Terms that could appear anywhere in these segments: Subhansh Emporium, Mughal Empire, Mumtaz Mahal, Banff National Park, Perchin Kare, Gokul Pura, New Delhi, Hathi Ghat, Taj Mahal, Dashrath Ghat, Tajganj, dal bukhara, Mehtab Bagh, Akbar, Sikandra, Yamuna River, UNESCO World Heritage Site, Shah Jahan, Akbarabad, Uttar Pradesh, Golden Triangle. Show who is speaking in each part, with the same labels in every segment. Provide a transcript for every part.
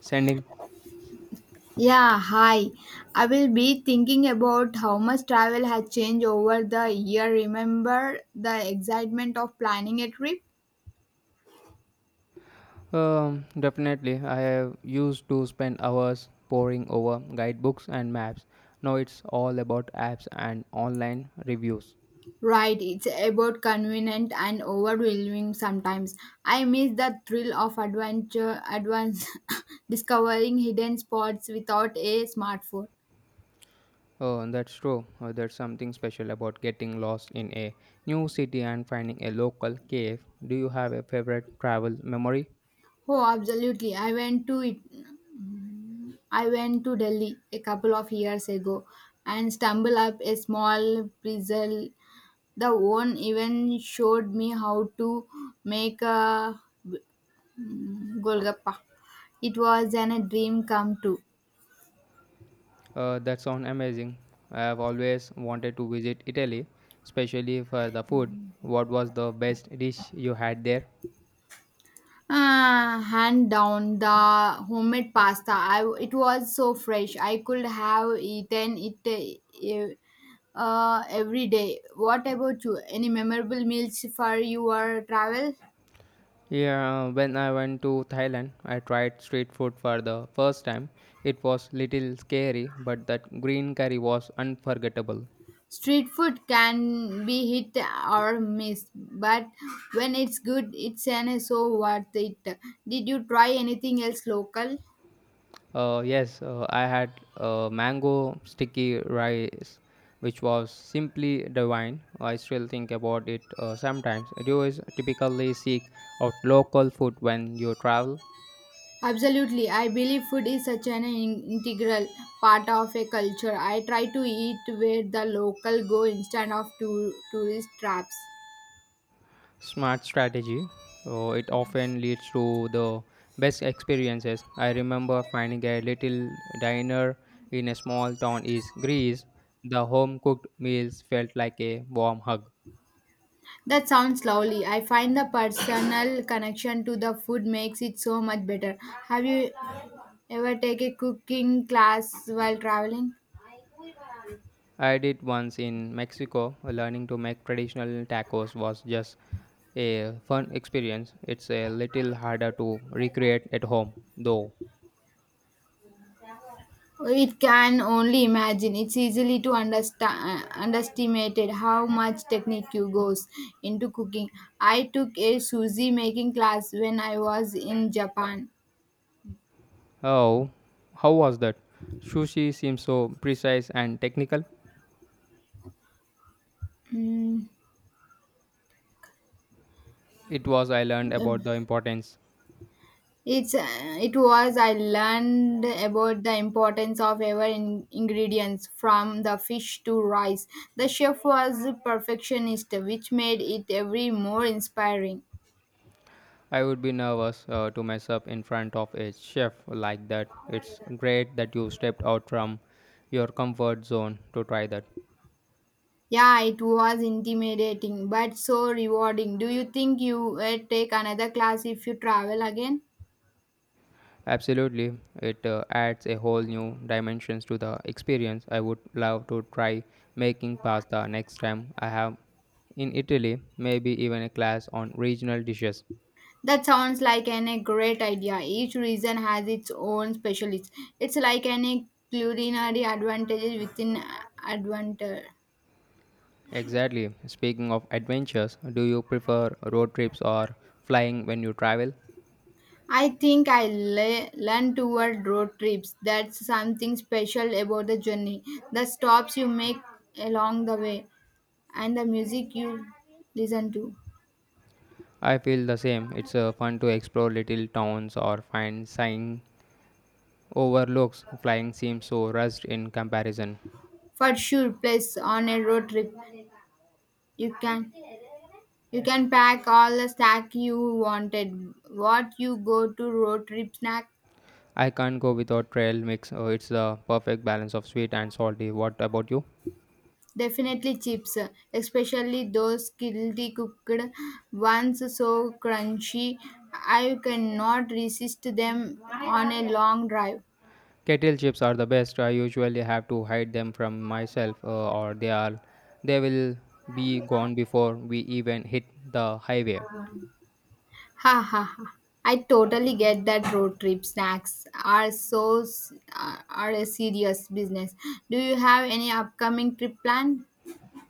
Speaker 1: Sending?
Speaker 2: Yeah, hi. I will be thinking about how much travel has changed over the year. Remember the excitement of planning a trip?
Speaker 1: Definitely. I have used to spend hours poring over guidebooks and maps. Now it's all about apps and online reviews.
Speaker 2: Right, it's about convenient and overwhelming sometimes. I miss the thrill of adventure, advance discovering hidden spots without a smartphone.
Speaker 1: Oh, that's true. There's something special about getting lost in a new city and finding a local cave. Do you have a favorite travel memory?
Speaker 2: Oh, absolutely. I went to it. I went to Delhi a couple of years ago and stumbled up a small pretzel. The one even showed me how to make a golgappa. It was a dream come true.
Speaker 1: That sounds amazing. I have always wanted to visit Italy, especially for the food. What was the best dish you had there?
Speaker 2: Ah, hand down the homemade pasta. I, it was so fresh. I could have eaten it every day. What about you? Any memorable meals for your travel?
Speaker 1: Yeah, when I went to Thailand, I tried street food for the first time. It was little scary, but that green curry was unforgettable.
Speaker 2: Street food can be hit or miss, but when it's good, it's an so worth it. Did you try anything else local?
Speaker 1: Yes, I had mango sticky rice, which was simply divine. I still think about it sometimes. Do you is typically seek out local food when you travel?
Speaker 2: Absolutely, I believe food is such an integral part of a culture. I try to eat where the local go instead of tourist traps.
Speaker 1: Smart strategy. It often leads to the best experiences. I remember finding a little diner in a small town in Greece. The home cooked meals felt like a warm hug.
Speaker 2: That sounds lovely. I find the personal connection to the food makes it so much better. Have you ever taken a cooking class while traveling?
Speaker 1: I did once in Mexico. Learning to make traditional tacos was just a fun experience. It's a little harder to recreate at home, though.
Speaker 2: It can only imagine. It's easily to understand underestimated how much technique you goes into cooking. I took a sushi making class when I was in Japan.
Speaker 1: Oh, how was that? Sushi seems so precise and technical.
Speaker 2: Mm,
Speaker 1: It was. I learned
Speaker 2: um,
Speaker 1: about the importance.
Speaker 2: it's it was I learned about the importance of every ingredients from the fish to rice. The chef was a perfectionist, which made it every more inspiring.
Speaker 1: I would be nervous to mess up in front of a chef like that. It's great that you stepped out from your comfort zone to try that.
Speaker 2: Yeah, it was intimidating, but so rewarding. Do you think you would take another class if you travel again?
Speaker 1: Absolutely, it adds a whole new dimensions to the experience. I would love to try making pasta next time I have in Italy, maybe even a class on regional dishes.
Speaker 2: That sounds like a great idea. Each region has its own specialist. It's like any culinary advantages within advantage.
Speaker 1: Exactly. Speaking of adventures, do you prefer road trips or flying when you travel?
Speaker 2: I think I learn toward road trips. That's something special about the journey. The stops you make along the way and the music you listen to.
Speaker 1: I feel the same. It's fun to explore little towns or find sign overlooks. Flying seems so rushed in comparison.
Speaker 2: For sure, place on a road trip. You can you can pack all the snack you wanted. What you go to road trip snack?
Speaker 1: I can't go without trail mix. It's the perfect balance of sweet and salty. What about you?
Speaker 2: Definitely chips, especially those guilty cooked ones so crunchy I cannot resist them on a long drive.
Speaker 1: Kettle chips are the best. I usually have to hide them from myself, or they will be gone before we even hit the highway.
Speaker 2: Ha ha ha. I totally get that road trip snacks are so are a serious business. Do you have any upcoming trip plan?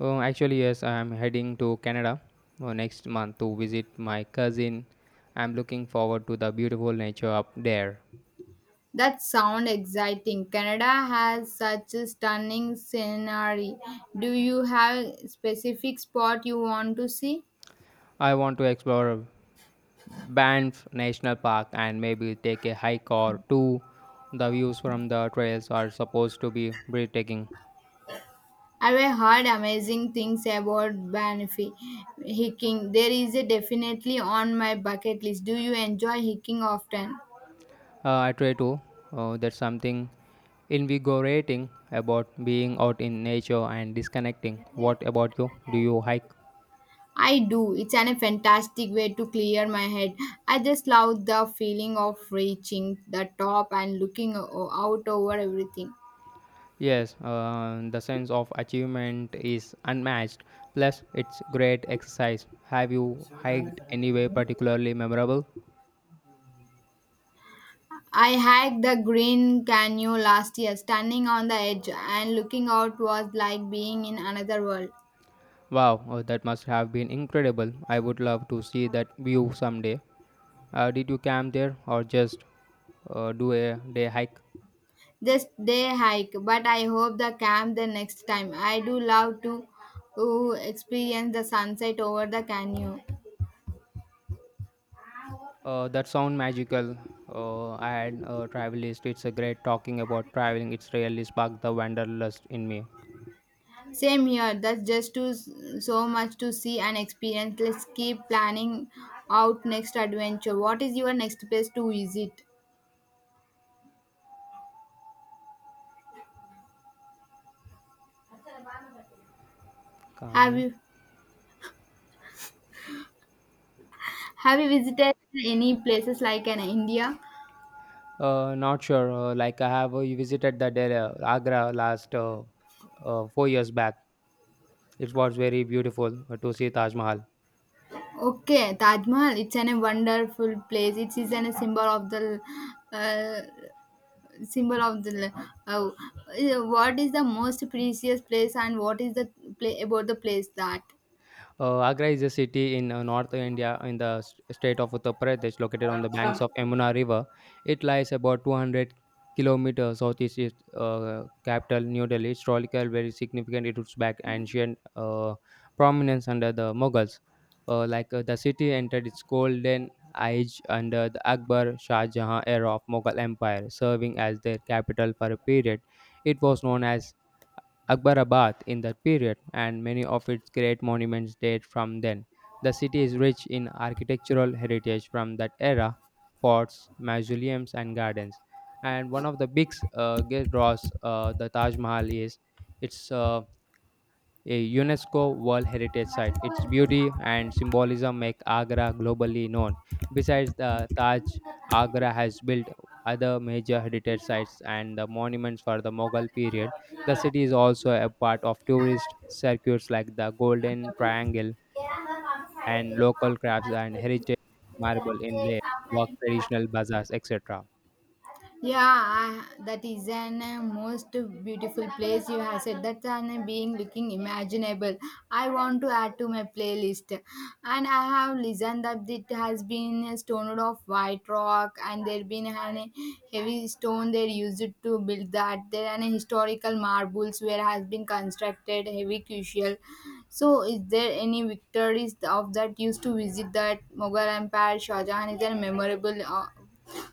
Speaker 1: Oh, actually, yes, I'm heading to Canada next month to visit my cousin. I'm looking forward to the beautiful nature up there.
Speaker 2: That sounds exciting. Canada has such a stunning scenery. Do you have specific spot you want to see?
Speaker 1: I want to explore Banff National Park and maybe take a hike or two. The views from the trails are supposed to be breathtaking.
Speaker 2: I've heard amazing things about Banffy hiking. There is a definitely on my bucket list. Do you enjoy hiking often?
Speaker 1: I try to. There's something invigorating about being out in nature and disconnecting. What about you? Do you hike?
Speaker 2: I do. It's a fantastic way to clear my head. I just love the feeling of reaching the top and looking out over everything.
Speaker 1: Yes, the sense of achievement is unmatched. Plus, it's great exercise. Have you hiked anywhere particularly memorable?
Speaker 2: I hiked the Green Canyon last year, standing on the edge and looking out was like being in another world.
Speaker 1: Wow, that must have been incredible. I would love to see that view someday. Did you camp there or just do a day hike?
Speaker 2: This day hike, but I hope the camp the next time. I do love to experience the sunset over the canyon.
Speaker 1: That sound magical. I had a travel list. It's a great talking about traveling. It's really sparked the wanderlust in me.
Speaker 2: Same here, that's just too so much to see and experience. Let's keep planning out next adventure. What is your next place to visit? Have you have you visited any places like in India?
Speaker 1: Not sure. Like I have visited the Delhi, Agra last 4 years back. It was very beautiful to see Taj Mahal.
Speaker 2: Okay, Taj Mahal. It's a wonderful place. It is a uh, symbol of the what is the most precious place and what is the play about the place that.
Speaker 1: Agra is a city in North India in the state of Uttar Pradesh, located on the banks of Yamuna River. It lies about 200 kilometers southeast its capital New Delhi. Historical, very significant. It roots back ancient prominence under the Mughals. Like the city entered its golden age under the Akbar Shah Jahan era of Mughal Empire, serving as their capital for a period. It was known as Akbarabad in that period, and many of its great monuments date from then. The city is rich in architectural heritage from that era forts, mausoleums, and gardens. And one of the big draws the Taj Mahal is its a UNESCO World Heritage Site. Its beauty and symbolism make Agra globally known. Besides the Taj, Agra has built other major heritage sites and the monuments for the Mughal period. The city is also a part of tourist circuits like the Golden Triangle and local crafts and heritage marble inlay, work traditional bazaars, etc.
Speaker 2: Yeah, I, that is an most beautiful place you have said. That's an being looking imaginable. I want to add to my playlist, and I have listened that it has been stoned of white rock, and there been an heavy stone they used to build that. There are historical marbles where has been constructed heavy crucial. So, is there any victories of that used to visit that Mughal Empire? Shah Jahan is a memorable.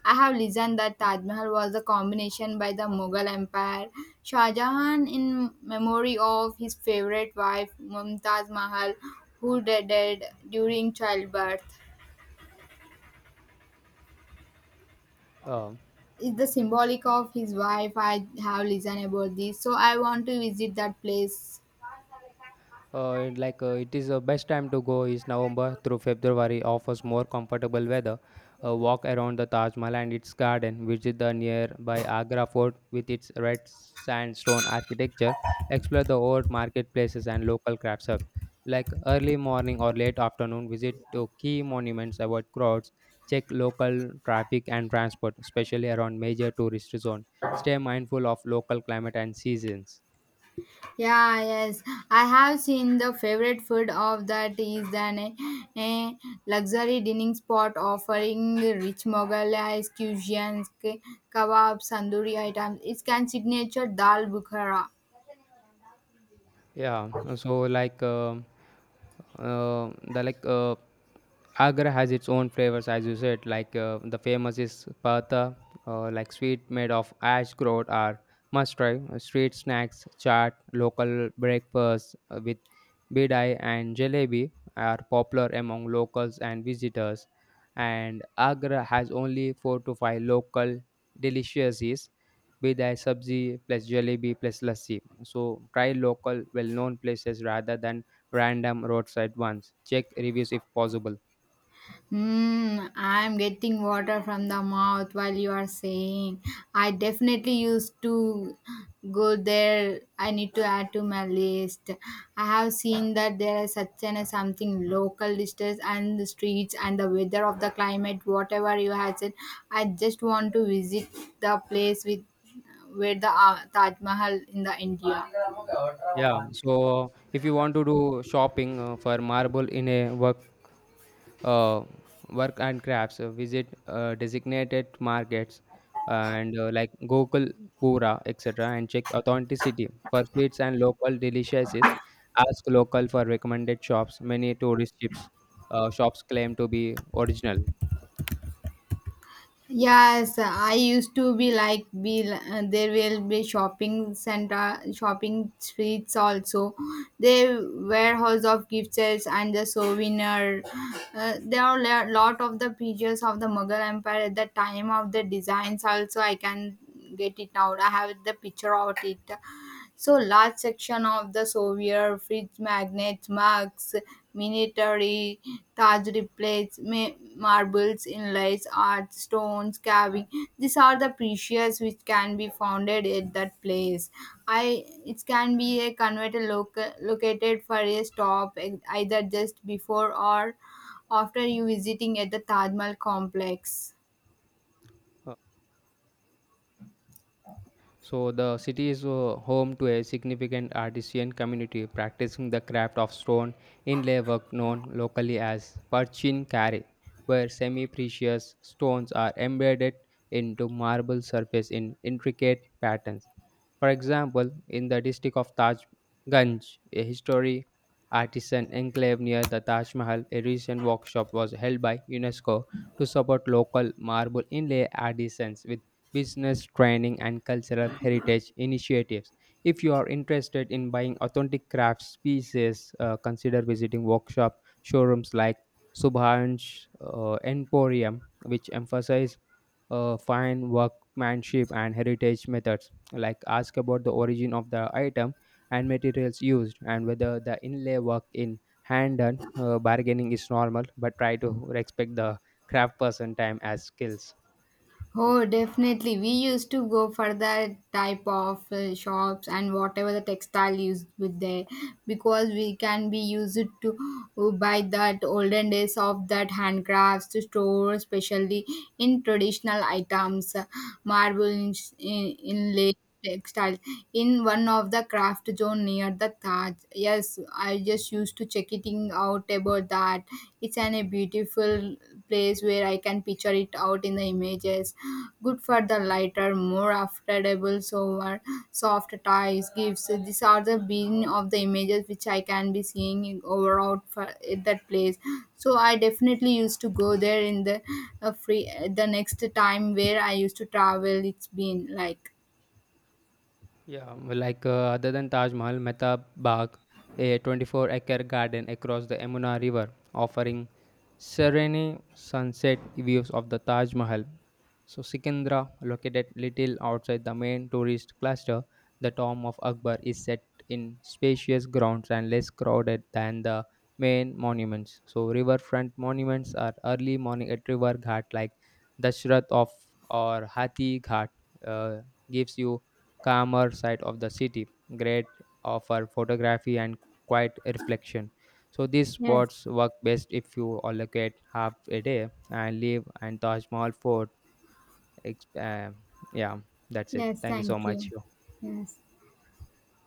Speaker 2: I have listened that Taj Mahal was a combination by the Mughal Empire. Shah Jahan, in memory of his favorite wife Mumtaz Mahal, who died during childbirth,
Speaker 1: Um,
Speaker 2: is the symbolic of his wife. I have listened about this, so I want to visit that place.
Speaker 1: It is the best time to go is November through February offers more comfortable weather. A walk around the Taj Mahal and its garden, visit the nearby Agra Fort with its red sandstone architecture, explore the old marketplaces and local crafts hub. Like early morning or late afternoon, visit to key monuments, avoid crowds, check local traffic and transport, especially around major tourist zones. Stay mindful of local climate and seasons.
Speaker 2: Yeah, yes. I have seen the favorite food of that is an a luxury dining spot offering rich Moghal cuisines, kebabs, tandoori items. It can signature dal bukhara.
Speaker 1: Yeah, so like the like Agra has its own flavors, as you said. Like, the famous is paratha, like sweet made of ash grout, are must try. Street snacks, chaat, local breakfasts with bidai and jalebi are popular among locals and visitors. And Agra has only four to five local delicacies, bidai sabzi plus jalebi plus lassi. So try local, well-known places rather than random roadside ones. Check reviews if possible.
Speaker 2: Hmm, I'm getting water from the mouth while you are saying. I definitely used to go there. I need to add to my list. I have seen that there is such and something local dishes and the streets and the weather of the climate, whatever you have said. I just want to visit the place with where the Taj Mahal in the India.
Speaker 1: Yeah. So if you want to do shopping for marble in a work, uh, work and crafts, visit designated markets and like Gokul Pura, etc. And check authenticity for sweets and local delicacies. Ask local for recommended shops. Many tourist ships, shops claim to be original.
Speaker 2: Yes, I used to be like be there will be shopping center, shopping streets also. There warehouse of gift sets and the souvenir. There are a lot of the pictures of the Mughal Empire at the time of the designs also. I can get it now. I have the picture of it. So large section of the Soviet fridge magnets, mugs, military Taj plates, marbles, inlays, art, stones, carving. These are the precious which can be found at that place. I it can be a converter located for a stop either just before or after you visiting at the Taj Mahal complex.
Speaker 1: Uh, So the city is home to a significant artisan community practicing the craft of stone inlay work known locally as Perchin Kare, where semi-precious stones are embedded into marble surface in intricate patterns. For example, in the district of Tajganj, a history artisan enclave near the Taj Mahal, a recent workshop was held by UNESCO to support local marble inlay artisans with business training and cultural heritage initiatives. If you are interested in buying authentic crafts pieces, consider visiting workshop showrooms like Subhansh Emporium, which emphasize fine workmanship and heritage methods like ask about the origin of the item and materials used and whether the inlay work in hand done bargaining is normal but try to respect the craft person time as skills.
Speaker 2: Oh, definitely. We used to go for that type of shops and whatever the textile used with there because we can be used to buy that olden days of that handcrafts to store, especially in traditional items, marble inlay textile in one of the craft zone near the Taj. Yes, I just used to check it out about that. It's an a beautiful place where I can picture it out in the images. Good for the lighter, more affordable, sober, soft ties, gifts. These are the being of the images which I can be seeing over out for at that place. So I definitely used to go there in the free the next time where I used to travel. It's been like
Speaker 1: Yeah, like other than Taj Mahal, Mehtab Bagh, a 24-acre garden across the Yamuna River, offering serene sunset views of the Taj Mahal. So Sikandra, located little outside the main tourist cluster, the tomb of Akbar is set in spacious grounds and less crowded than the main monuments. So riverfront monuments are early morning at river ghat like Dashrath of or Hathi Ghat uh, gives you calmer side of the city, great offer photography and quiet reflection. So these
Speaker 2: yes.
Speaker 1: spots work best if you allocate half a day and leave and Taj Mahal Fort. ex- Uh, yeah, that's it.
Speaker 2: Yes,
Speaker 1: Thank you so
Speaker 2: thank
Speaker 1: much.
Speaker 2: you. Yes.